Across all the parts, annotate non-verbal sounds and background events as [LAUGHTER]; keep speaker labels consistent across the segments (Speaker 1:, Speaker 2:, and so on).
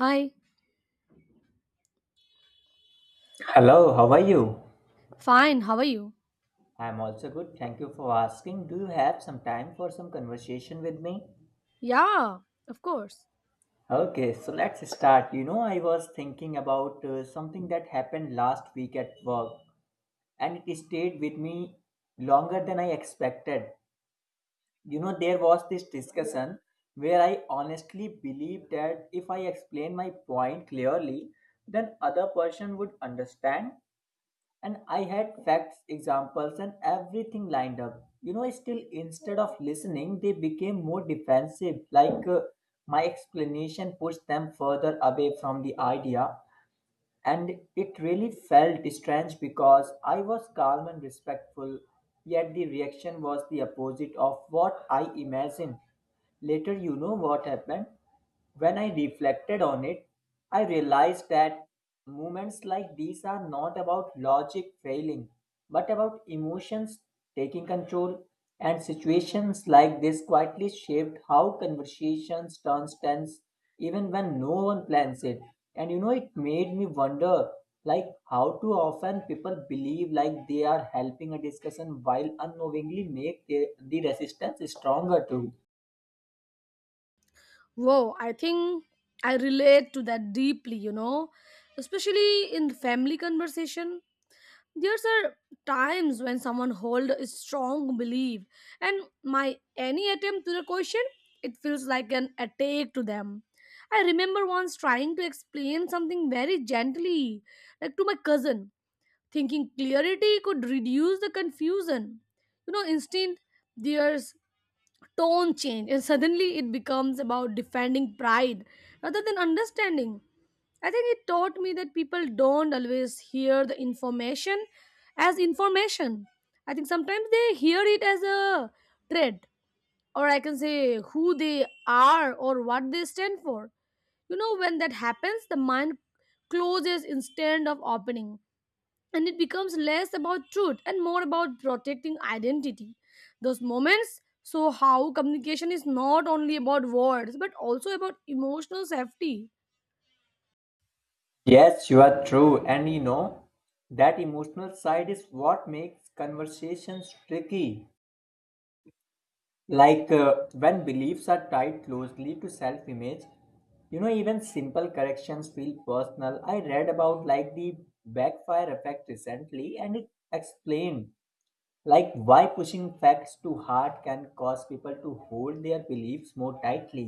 Speaker 1: Hi,
Speaker 2: Hello, how are you?
Speaker 1: fine, how are you?
Speaker 2: I'm also good. Thank you for asking. Do you have some time for some conversation with me?
Speaker 1: Yeah, of course.
Speaker 2: Okay, so let's start. I was thinking about something that happened last week at work, and it stayed with me longer than I expected. There was this discussion where I honestly believed that if I explain my point clearly, then other person would understand. And I had facts, examples, and everything lined up. Still, instead of listening, they became more defensive. Like my explanation pushed them further away from the idea, and it really felt strange because I was calm and respectful, yet the reaction was the opposite of what I imagined. Later, you know what happened? When I reflected on it, I realized that moments like these are not about logic failing, but about emotions taking control. And situations like this quietly shaped how conversations turn tense even when no one plans it, and it made me wonder like how too often people believe like they are helping a discussion while unknowingly make the resistance stronger too.
Speaker 1: Whoa, I think I relate to that deeply, especially in family conversation. There's are times when someone hold a strong belief and my any attempt to the question, it feels like an attack to them. I remember once trying to explain something very gently, like to my cousin, thinking clarity could reduce the confusion. Instead there's tone change and suddenly it becomes about defending pride rather than understanding. I think it taught me that people don't always hear the information as information. I think sometimes they hear it as a threat, or I can say who they are or what they stand for. When that happens the mind closes instead of opening, and it becomes less about truth and more about protecting identity. Those moments show how communication is not only about words but also about emotional safety.
Speaker 2: Yes, you are true, and that emotional side is what makes conversations tricky. Like when beliefs are tied closely to self-image, even simple corrections feel personal. I read about like the backfire effect recently, and it explained like why pushing facts too hard can cause people to hold their beliefs more tightly.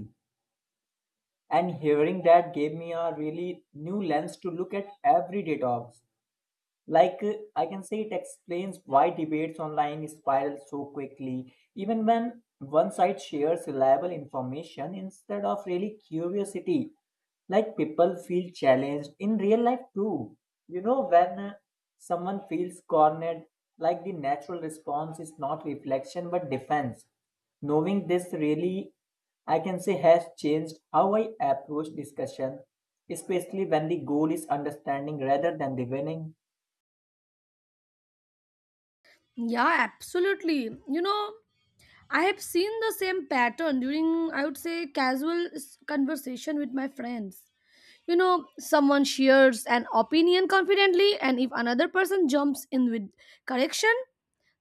Speaker 2: And hearing that gave me a really new lens to look at everyday talks. Like, I can say it explains why debates online spiral so quickly, even when one side shares reliable information instead of really curiosity. Like, people feel challenged in real life too. When someone feels cornered, like the natural response is not reflection but defense. Knowing this really, I can say, has changed how I approach discussion, especially when the goal is understanding rather than the winning.
Speaker 1: Yeah, absolutely. I have seen the same pattern during, I would say, casual conversation with my friends. Someone shares an opinion confidently, and if another person jumps in with correction,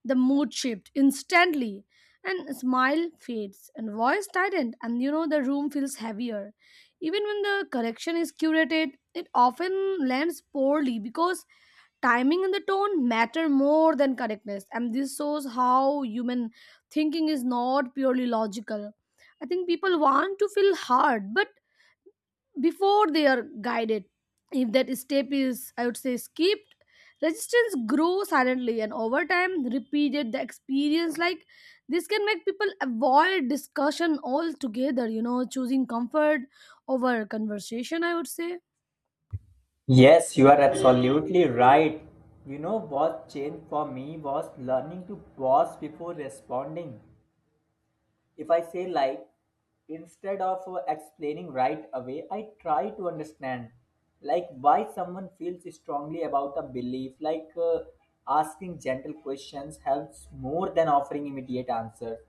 Speaker 1: the mood shifts instantly, and smile fades, and voice tightened, and the room feels heavier. Even when the correction is curated, it often lands poorly because timing and the tone matter more than correctness, and this shows how human thinking is not purely logical. I think people want to feel hard but before they are guided. If that step is, I would say, skipped, resistance grows silently, and over time, repeated the experience like this can make people avoid discussion altogether. Choosing comfort over conversation, I would say.
Speaker 2: Yes, you are absolutely right. You know what changed for me was learning to pause before responding. If I say like, instead of explaining right away, I try to understand like why someone feels strongly about a belief. Like asking gentle questions helps more than offering immediate answers.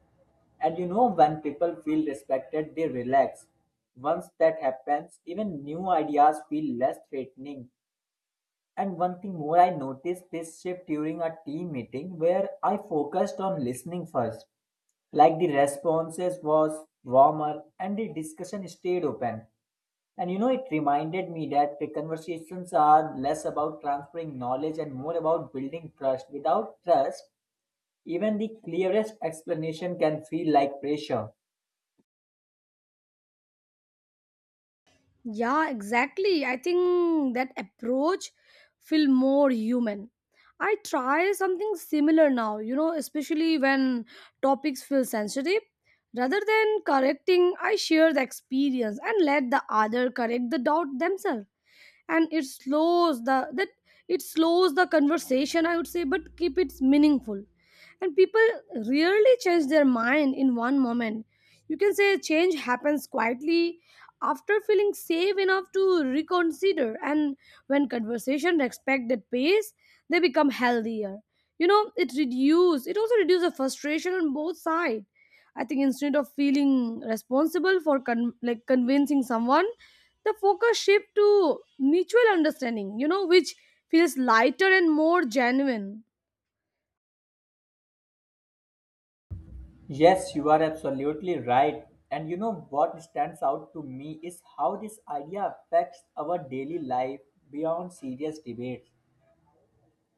Speaker 2: And when people feel respected, they relax. Once that happens, even new ideas feel less threatening, and one thing more, I noticed this shift during a team meeting where I focused on listening first. Like the responses was warmer and the discussion stayed open. And it reminded me that the conversations are less about transferring knowledge and more about building trust. Without trust, even the clearest explanation can feel like pressure.
Speaker 1: Yeah, exactly. I think that approach feel more human. I try something similar now, especially when topics feel sensitive. Rather than correcting, I share the experience and let the other correct the doubt themselves, and it slows the conversation, I would say, but keep it meaningful. And people rarely change their mind in one moment. You can say change happens quietly after feeling safe enough to reconsider, and when conversation respect that pace they become healthier. It also reduces the frustration on both sides. I think instead of feeling responsible for like convincing someone, the focus shift to mutual understanding, which feels lighter and more genuine.
Speaker 2: Yes, you are absolutely right. And you know what stands out to me is how this idea affects our daily life beyond serious debates.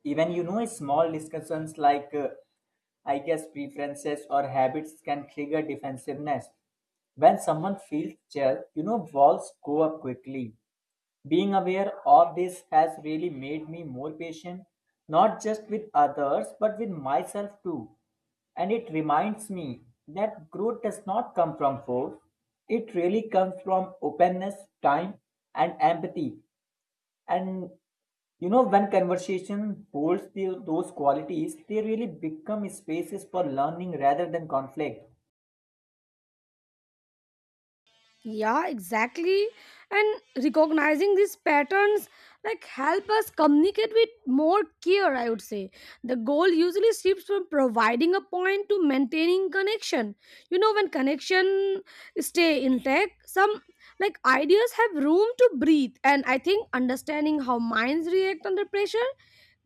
Speaker 2: Even small discussions like I guess preferences or habits can trigger defensiveness. When someone feels judged, walls go up quickly. Being aware of this has really made me more patient, not just with others, but with myself too. And it reminds me that growth does not come from force, it really comes from openness, time, and empathy. And when conversation holds those qualities, they really become spaces for learning rather than conflict.
Speaker 1: Yeah, exactly. And recognizing these patterns like help us communicate with more care, I would say. The goal usually shifts from providing a point to maintaining connection. When connection stay intact, some like ideas have room to breathe. And I think understanding how minds react under pressure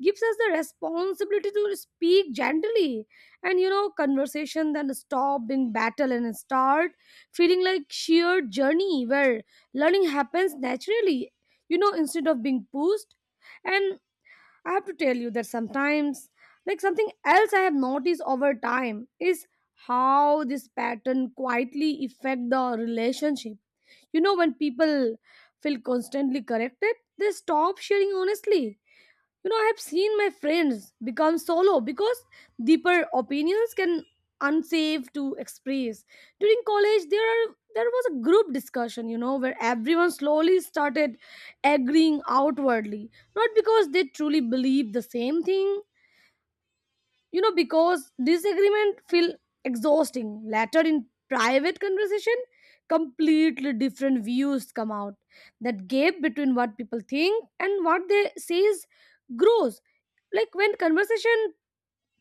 Speaker 1: gives us the responsibility to speak gently, and conversation then stop being battle and start feeling like sheer journey where learning happens naturally, instead of being pushed. And I have to tell you that sometimes like something else I have noticed over time is how this pattern quietly affect the relationship. When people feel constantly corrected they stop sharing honestly. I have seen my friends become solo because deeper opinions can unsafe to express during college. There was a group discussion, where everyone slowly started agreeing outwardly, not because they truly believed the same thing, because disagreement feel exhausting. Later in private conversation completely different views come out. That gap between what people think and what they says grows, like when conversation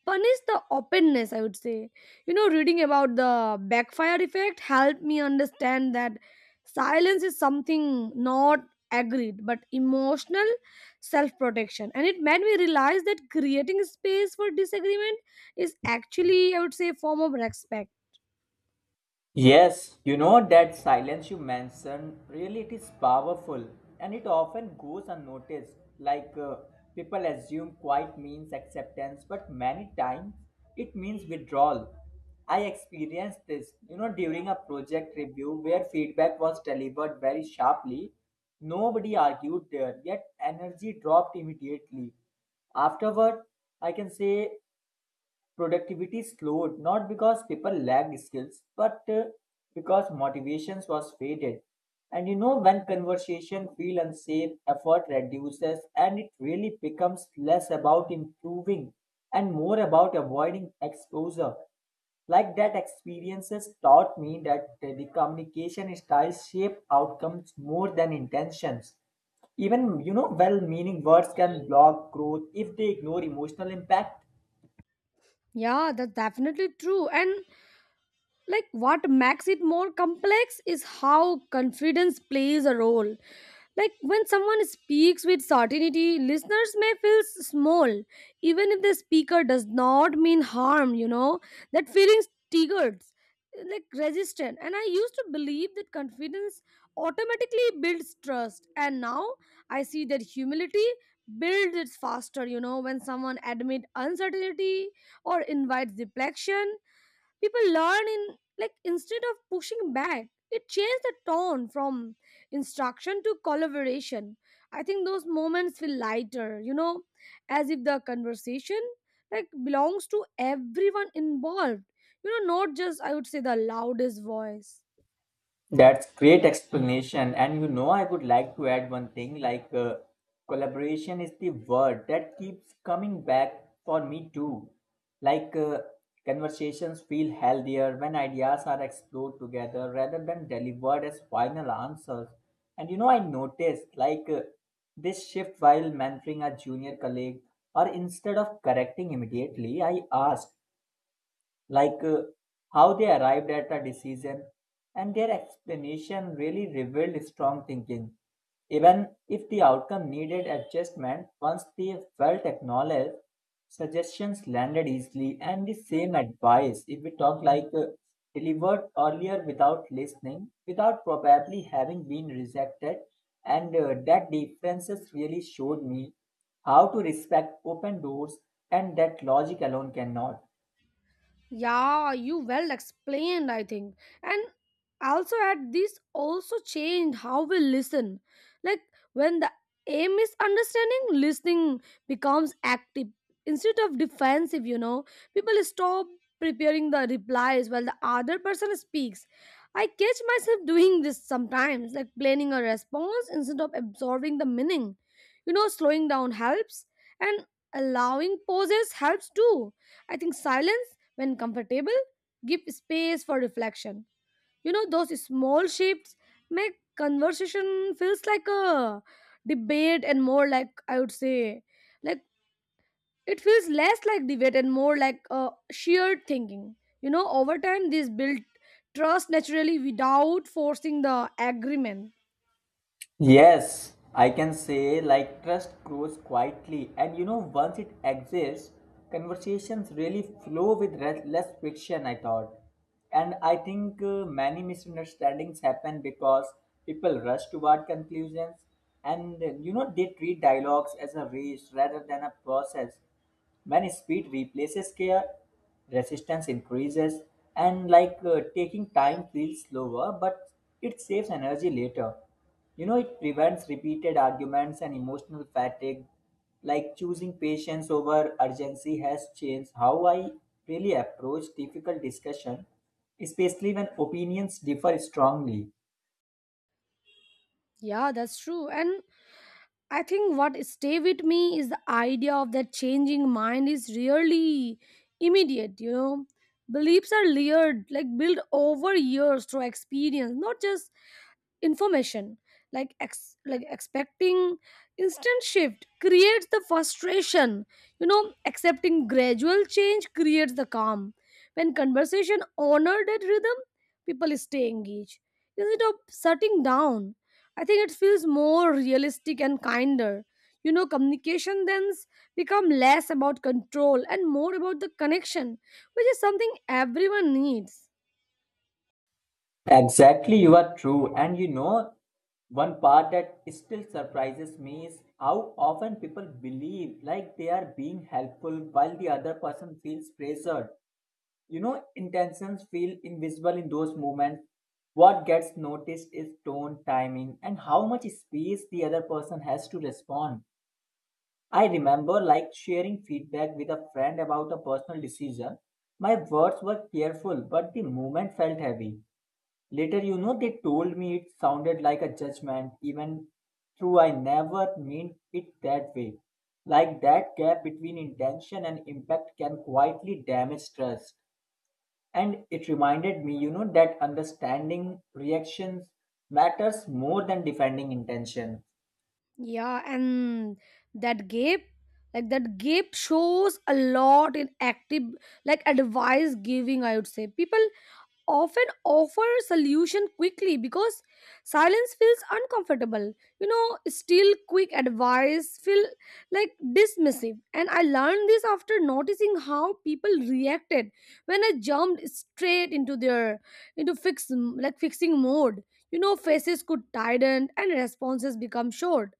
Speaker 1: punish the openness, I would say. Reading about the backfire effect helped me understand that silence is something not agreed but emotional self-protection, and it made me realize that creating space for disagreement is actually, I would say, a form of respect.
Speaker 2: Yes, you know that silence you mentioned really it is powerful, and it often goes unnoticed. Like people assume quiet means acceptance, but many times it means withdrawal. I experienced this, during a project review where feedback was delivered very sharply. Nobody argued there, yet energy dropped immediately. Afterward, I can say productivity slowed not because people lacked skills but because motivations was faded. And when conversation feel unsafe, effort reduces, and it really becomes less about improving and more about avoiding exposure. Like that experiences taught me that the communication styles shape outcomes more than intentions. Even well meaning words can block growth if they ignore emotional impact.
Speaker 1: Yeah, that's definitely true. And like what makes it more complex is how confidence plays a role. Like when someone speaks with certainty, listeners may feel small, even if the speaker does not mean harm. That feeling triggered, like resistant. And I used to believe that confidence automatically builds trust. And now I see that humility builds it faster, when someone admits uncertainty or invites reflection. People learn in, like, instead of pushing back it changed the tone from instruction to collaboration. I think those moments feel lighter, as if the conversation like belongs to everyone involved, not just, I would say, the loudest voice.
Speaker 2: That's great explanation. And I would like to add one thing like collaboration is the word that keeps coming back for me too. Like conversations feel healthier when ideas are explored together rather than delivered as final answers. And I noticed like this shift while mentoring a junior colleague, or instead of correcting immediately, I asked like how they arrived at a decision, and their explanation really revealed strong thinking. Even if the outcome needed adjustment, once they felt acknowledged, suggestions landed easily, and the same advice, if we talk like delivered earlier without listening, without probably having been rejected, and that differences really showed me how to respect open doors, and that logic alone cannot.
Speaker 1: Yeah, you well explained, I think. And also at this also changed how we listen. Like when the aim is understanding, listening becomes active instead of defensive. People stop preparing the replies while the other person speaks. I catch myself [LAUGHS] doing this sometimes, like planning a response instead of absorbing the meaning. Slowing down helps, and allowing pauses helps too. I think silence, when comfortable, give space for reflection. Those small shifts make conversation feels like a debate and more like, I would say, like it feels less like debate and more like a shared thinking. Over time this build trust naturally without forcing the agreement.
Speaker 2: Yes, I can say like trust grows quietly, and once it exists, conversations really flow with less friction. I thought, and I think many misunderstandings happen because people rush toward conclusions, and they treat dialogues as a race rather than a process. When speed replaces care, resistance increases, and like taking time feels slower, but it saves energy later. You know, it prevents repeated arguments and emotional fatigue. Like choosing patience over urgency has changed how I really approach difficult discussion, especially when opinions differ strongly.
Speaker 1: Yeah, that's true. And I think what stay with me is the idea of that changing mind is really immediate. Beliefs are layered, like built over years through experience, not just information, like like expecting instant shift creates the frustration. Accepting gradual change creates the calm. When conversation honor that rhythm people stay engaged instead of shutting down. I think it feels more realistic and kinder. Communication then become less about control and more about the connection, which is something everyone needs.
Speaker 2: Exactly, you are true, and one part that still surprises me is how often people believe like they are being helpful while the other person feels pressured. You know, intentions feel invisible in those moments. What gets noticed is tone, timing, and how much space the other person has to respond. I remember like sharing feedback with a friend about a personal decision. My words were careful, but the moment felt heavy. Later, they told me it sounded like a judgment, even though I never meant it that way. Like that gap between intention and impact can quietly damage trust. And it reminded me, that understanding reactions matters more than defending intention.
Speaker 1: Yeah, and that gap, that gap shows a lot in active, like advice giving, I would say. People often offer solution quickly because silence feels uncomfortable. Still quick advice feel like dismissive. And I learned this after noticing how people reacted when I jumped straight into their into fix like fixing mode. Faces could tighten and responses become short.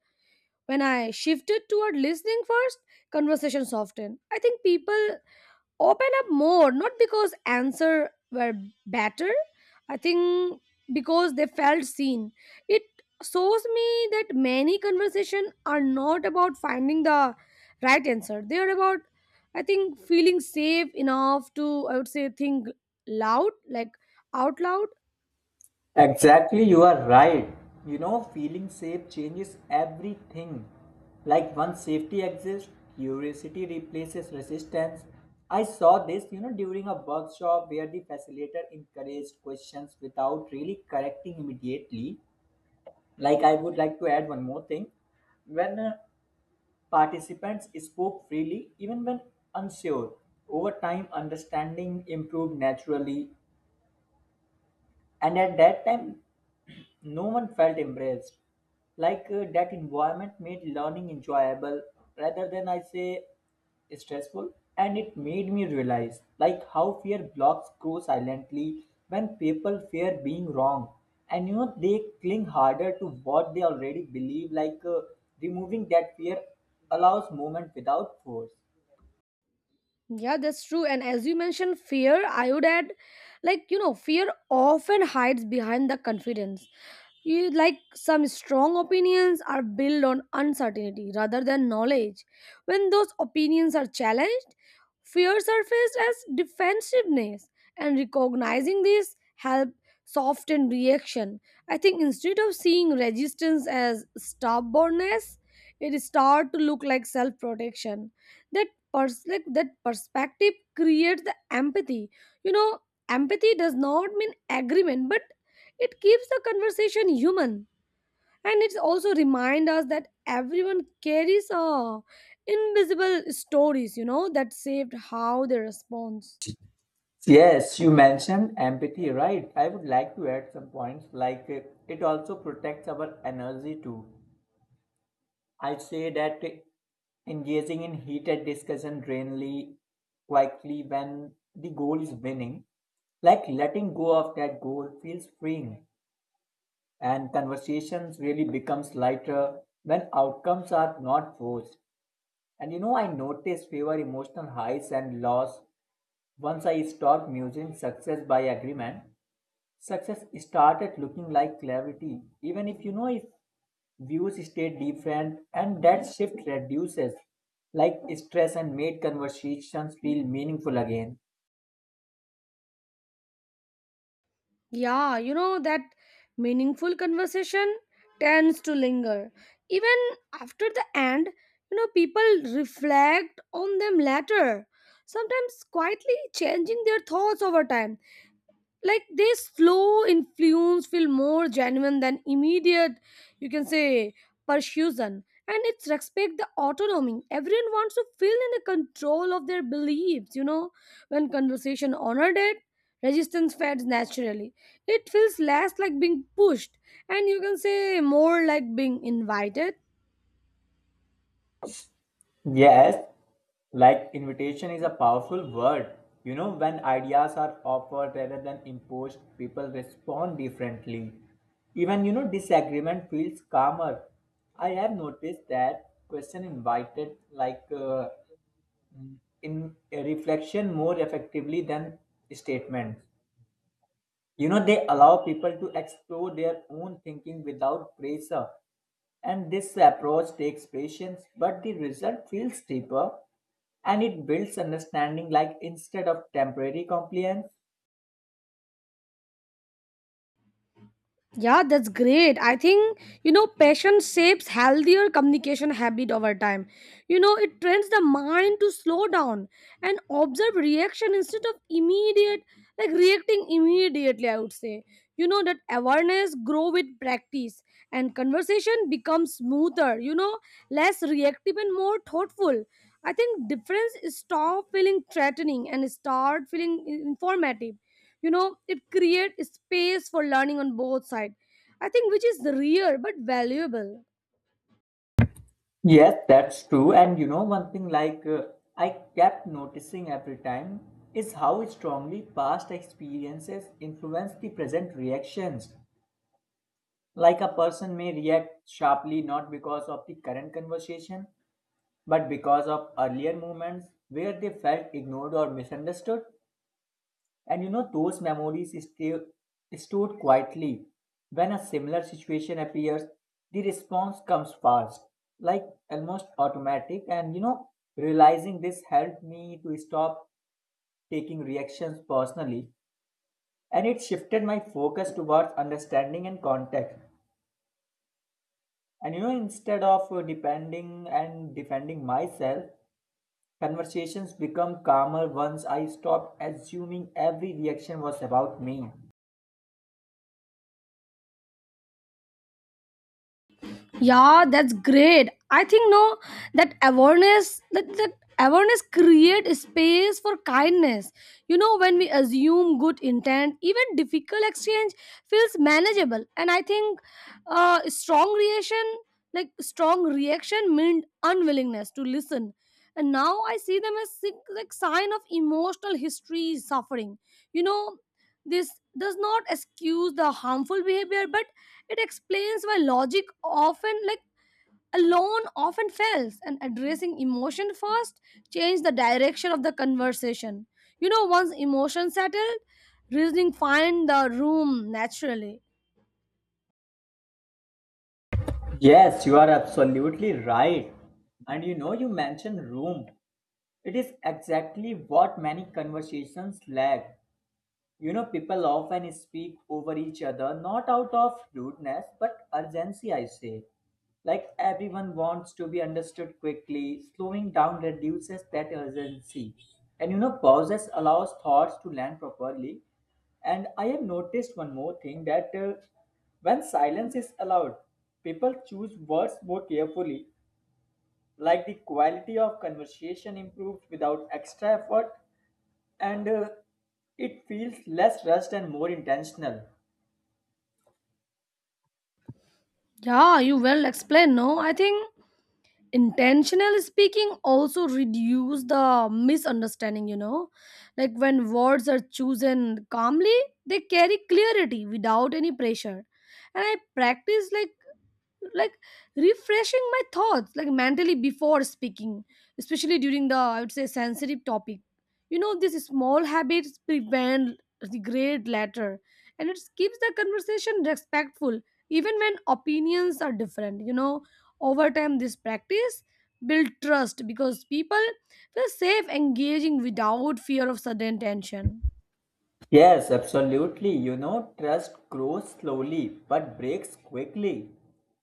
Speaker 1: When I shifted toward listening first, conversation softened. I think people open up more, not because answer were better. I think because they felt seen. It shows me that many conversation are not about finding the right answer. They are about, I think, feeling safe enough to, I would say, think loud, like out loud.
Speaker 2: Exactly, you are right. You know, feeling safe changes everything. Like once safety exists, curiosity replaces resistance. I saw this, during a workshop where the facilitator encouraged questions without really correcting immediately. Like, I would like to add one more thing. When participants spoke freely, even when unsure, over time understanding improved naturally, and at that time, no one felt embraced. Like that environment made learning enjoyable rather than I say stressful. And it made me realize like how fear blocks grow silently when people fear being wrong. And they cling harder to what they already believe, like removing that fear allows movement without force.
Speaker 1: Yeah, that's true. And as you mentioned, fear, I would add, like, fear often hides behind the confidence. You, like, some strong opinions are built on uncertainty rather than knowledge. When those opinions are challenged, fear surfaces as defensiveness, and recognizing this help soften reaction. I think instead of seeing resistance as stubbornness, it start to look like self-protection. That like that perspective creates the empathy. You know, Empathy does not mean agreement, but it keeps the conversation human, and it also reminds us that everyone carries invisible stories, that saved how they respond.
Speaker 2: Yes, you mentioned empathy, right? I would like to add some points like it also protects our energy too. I say that engaging in heated discussion drainly quickly when the goal is winning, like letting go of that goal feels freeing, and conversations really becomes lighter when outcomes are not forced. And I noticed fewer emotional highs and lows once I stopped using success by agreement. Success started looking like clarity, even if if views stay different, and that shift reduces like stress and made conversations feel meaningful again.
Speaker 1: Yeah, that meaningful conversation tends to linger. Even after the end, people reflect on them later, sometimes quietly changing their thoughts over time. Like this slow influence feel more genuine than immediate, you can say, persuasion, and it's respect the autonomy. Everyone wants to feel in the control of their beliefs. When conversation honored it, resistance fades naturally. It feels less like being pushed, and you can say more like being invited.
Speaker 2: Yes, like invitation is a powerful word. You know, when ideas are offered rather than imposed, people respond differently. Even, disagreement feels calmer. I have noticed that question invited like in a reflection more effectively than statements. You know, they allow people to explore their own thinking without pressure. And this approach takes patience, but the result feels deeper, and it builds understanding like instead of temporary compliance.
Speaker 1: Yeah, that's great. I think, passion shapes healthier communication habit over time. It trains the mind to slow down and observe reaction instead of immediate, like reacting immediately, I would say. That awareness grow with practice and conversation becomes smoother, less reactive and more thoughtful. I think difference is stop feeling threatening and start feeling informative. It creates space for learning on both sides, I think, which is rare but valuable.
Speaker 2: Yes, that's true. And one thing like I kept noticing every time is how strongly past experiences influence the present reactions. Like a person may react sharply not because of the current conversation but because of earlier moments where they felt ignored or misunderstood, and those memories stay stored quietly. When a similar situation appears, the response comes fast, like almost automatic, and realizing this helped me to stop taking reactions personally, and it shifted my focus towards understanding and context. And instead of depending and defending myself, conversations become calmer once I stopped assuming every reaction was about me.
Speaker 1: Yeah, that's great. I think, no, that awareness create space for kindness. When we assume good intent, even difficult exchange feels manageable. And I think uh, strong reaction strong reaction meant unwillingness to listen, and now I see them as like sign of emotional history suffering. you know this does not excuse the harmful behavior, but it explains why logic often like alone often fails, and addressing emotion first change the direction of the conversation. Once emotion settled, reasoning find the room naturally.
Speaker 2: Yes, you are absolutely right. And you mentioned room. It is exactly what many conversations lack. You know, people often speak over each other, not out of rudeness, but urgency, I say. Like everyone wants to be understood quickly, slowing down reduces that urgency. And pauses allows thoughts to land properly. And I have noticed one more thing that when silence is allowed, people choose words more carefully. Like the quality of conversation improves without extra effort, and it feels less rushed and more intentional.
Speaker 1: Yeah, you well explained, no? I think intentional speaking also reduce the misunderstanding. Like when words are chosen calmly, they carry clarity without any pressure. And I practice like refreshing my thoughts like mentally before speaking, especially during the, I would say, sensitive topic. These small habits prevent regret later, and it keeps the conversation respectful even when opinions are different. Over time this practice build trust because people feel safe engaging without fear of sudden tension.
Speaker 2: Yes, absolutely. You know, trust grows slowly but breaks quickly.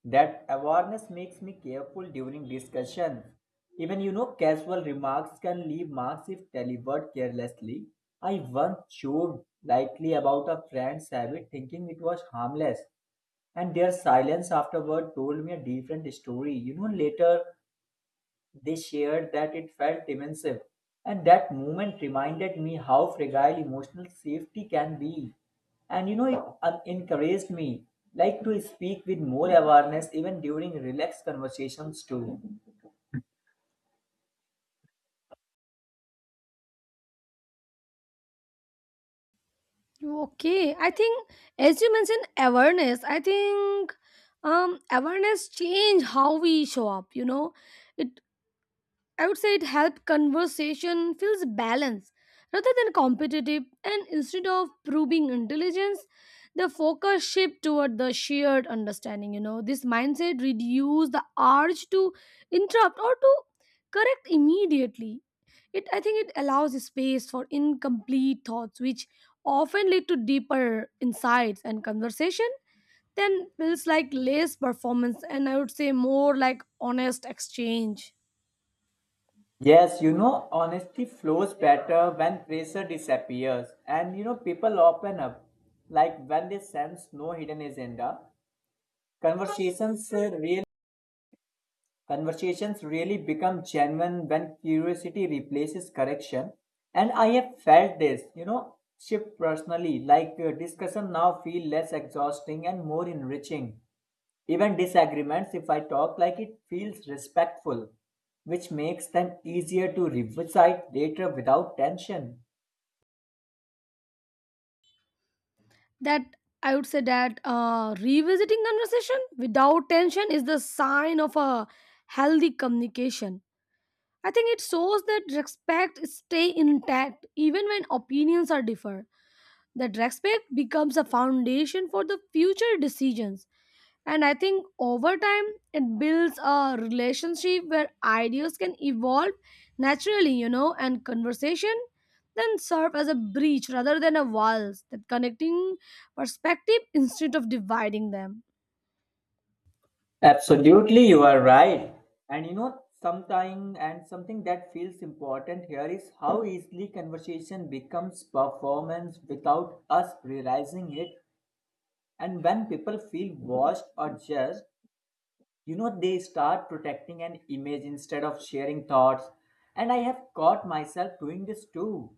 Speaker 2: That awareness makes me careful during discussions. Even, casual remarks can leave marks if delivered carelessly. I once joked lightly about a friend's habit, thinking it was harmless, and their silence afterward told me a different story. Later, they shared that it felt immense, and that moment reminded me how fragile emotional safety can be. And it encouraged me like to speak with more awareness even during relaxed conversations too.
Speaker 1: Okay, I think as you mentioned awareness, I think awareness change how we show up. It, I would say, it help conversation feels balanced rather than competitive, and instead of proving intelligence, the focus shift toward the shared understanding, This mindset reduce the urge to interrupt or to correct immediately. It, I think, it allows space for incomplete thoughts, which often lead to deeper insights, and conversation then feels like less performance and, I would say, more like honest exchange.
Speaker 2: Yes, honesty flows better when pressure disappears, and people open up like when they sense no hidden agenda. Conversations uh, really Conversations really become genuine when curiosity replaces correction. And I have felt this, shift personally. Like discussion now feel less exhausting and more enriching. Even disagreements, if I talk like it feels respectful, which makes them easier to revisit later without tension.
Speaker 1: That, I would say, that revisiting conversation without tension is the sign of a healthy communication. I think it shows that respect stay intact even when opinions are differ. That respect becomes a foundation for the future decisions. And I think over time, it builds a relationship where ideas can evolve naturally, and conversation then serve as a breach rather than a wall, that connecting perspective instead of dividing them.
Speaker 2: Absolutely, you are right. And something that feels important here is how easily conversation becomes performance without us realizing it. And when people feel watched or judged, they start protecting an image instead of sharing thoughts. And I have caught myself doing this too,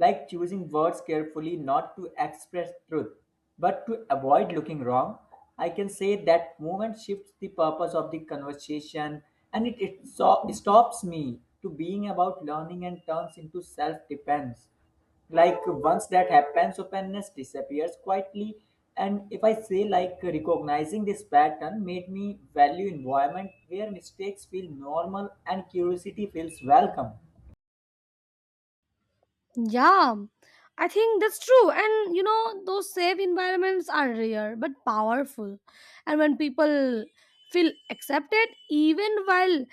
Speaker 2: like choosing words carefully not to express truth, but to avoid looking wrong. I can say that movement shifts the purpose of the conversation, and it stops me to being about learning and turns into self defense. Like once that happens openness disappears quietly, and if I say like recognizing this pattern made me value environment where mistakes feel normal and curiosity feels welcome.
Speaker 1: Yeah, I think that's true. And those safe environments are rare but powerful. And when people feel accepted, even while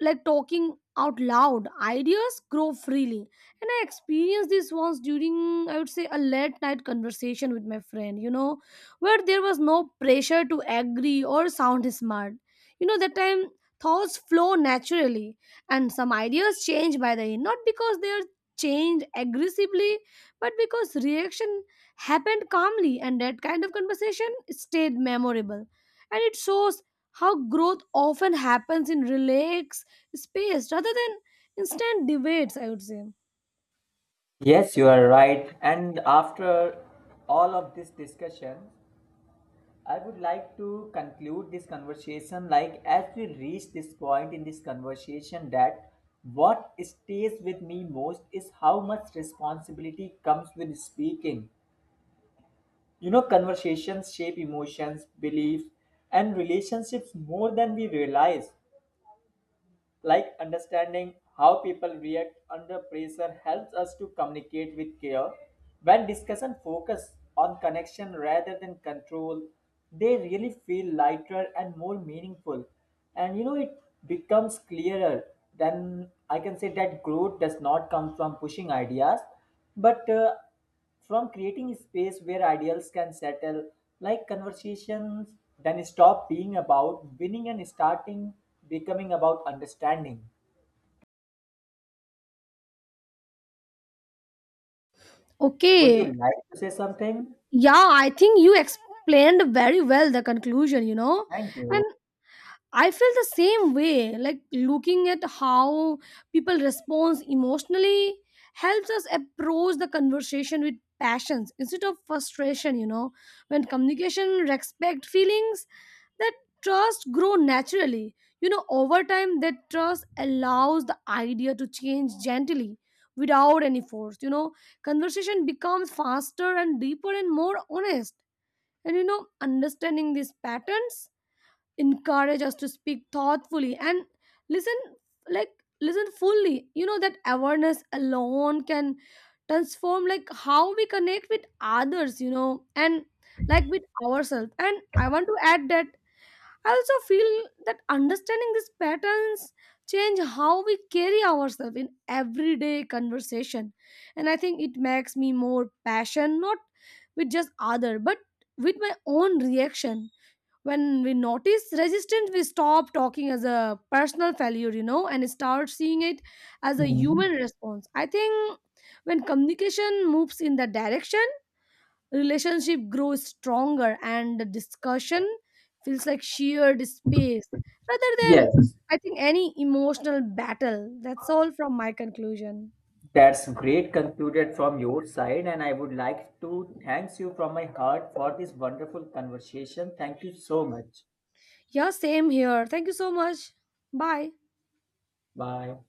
Speaker 1: like talking out loud, ideas grow freely, and I experienced this once during, I would say, a late night conversation with my friend, where there was no pressure to agree or sound smart. That time thoughts flow naturally, and some ideas change by the end, not because they are changed aggressively but because reaction happened calmly, and that kind of conversation stayed memorable, and it shows how growth often happens in relaxed space rather than instant debates, I would say.
Speaker 2: Yes, you are right. And after all of this discussion, I would like to conclude this conversation like as we reach this point in this conversation that what stays with me most is how much responsibility comes with speaking. You know, conversations shape emotions, beliefs, and relationships more than we realize. Like understanding how people react under pressure helps us to communicate with care. When discussion focus on connection rather than control, they really feel lighter and more meaningful. And it becomes clearer. Then I can say that growth does not come from pushing ideas, but from creating space where ideals can settle, like conversations then stop being about winning and starting becoming about understanding. Would you
Speaker 1: Okay,
Speaker 2: like to say something?
Speaker 1: yeah, I think you explained very well the conclusion,
Speaker 2: Thank you.
Speaker 1: I feel the same way. Like looking at how people respond emotionally helps us approach the conversation with passions instead of frustration, When communication respect feelings, that trust grow naturally. Over time that trust allows the idea to change gently without any force. Conversation becomes faster and deeper and more honest. And understanding these patterns encourage us to speak thoughtfully and listen, like, listen fully. That awareness alone can transform like how we connect with others, and like with ourselves. And I want to add that I also feel that understanding these patterns change how we carry ourselves in everyday conversation, and I think it makes me more passionate not with just other but with my own reaction. When we notice resistance we stop talking as a personal failure, and start seeing it as a
Speaker 2: Hmm.
Speaker 1: human response, I think. When communication moves in that direction, relationship grows stronger, and the discussion feels like shared space rather than,
Speaker 2: Yes,
Speaker 1: I think, any emotional battle. That's all from my conclusion.
Speaker 2: that's great concluded from your side, and I would like to thank you from my heart for this wonderful conversation. Thank you so much.
Speaker 1: Yeah, same here. Thank you so much. Bye.
Speaker 2: Bye.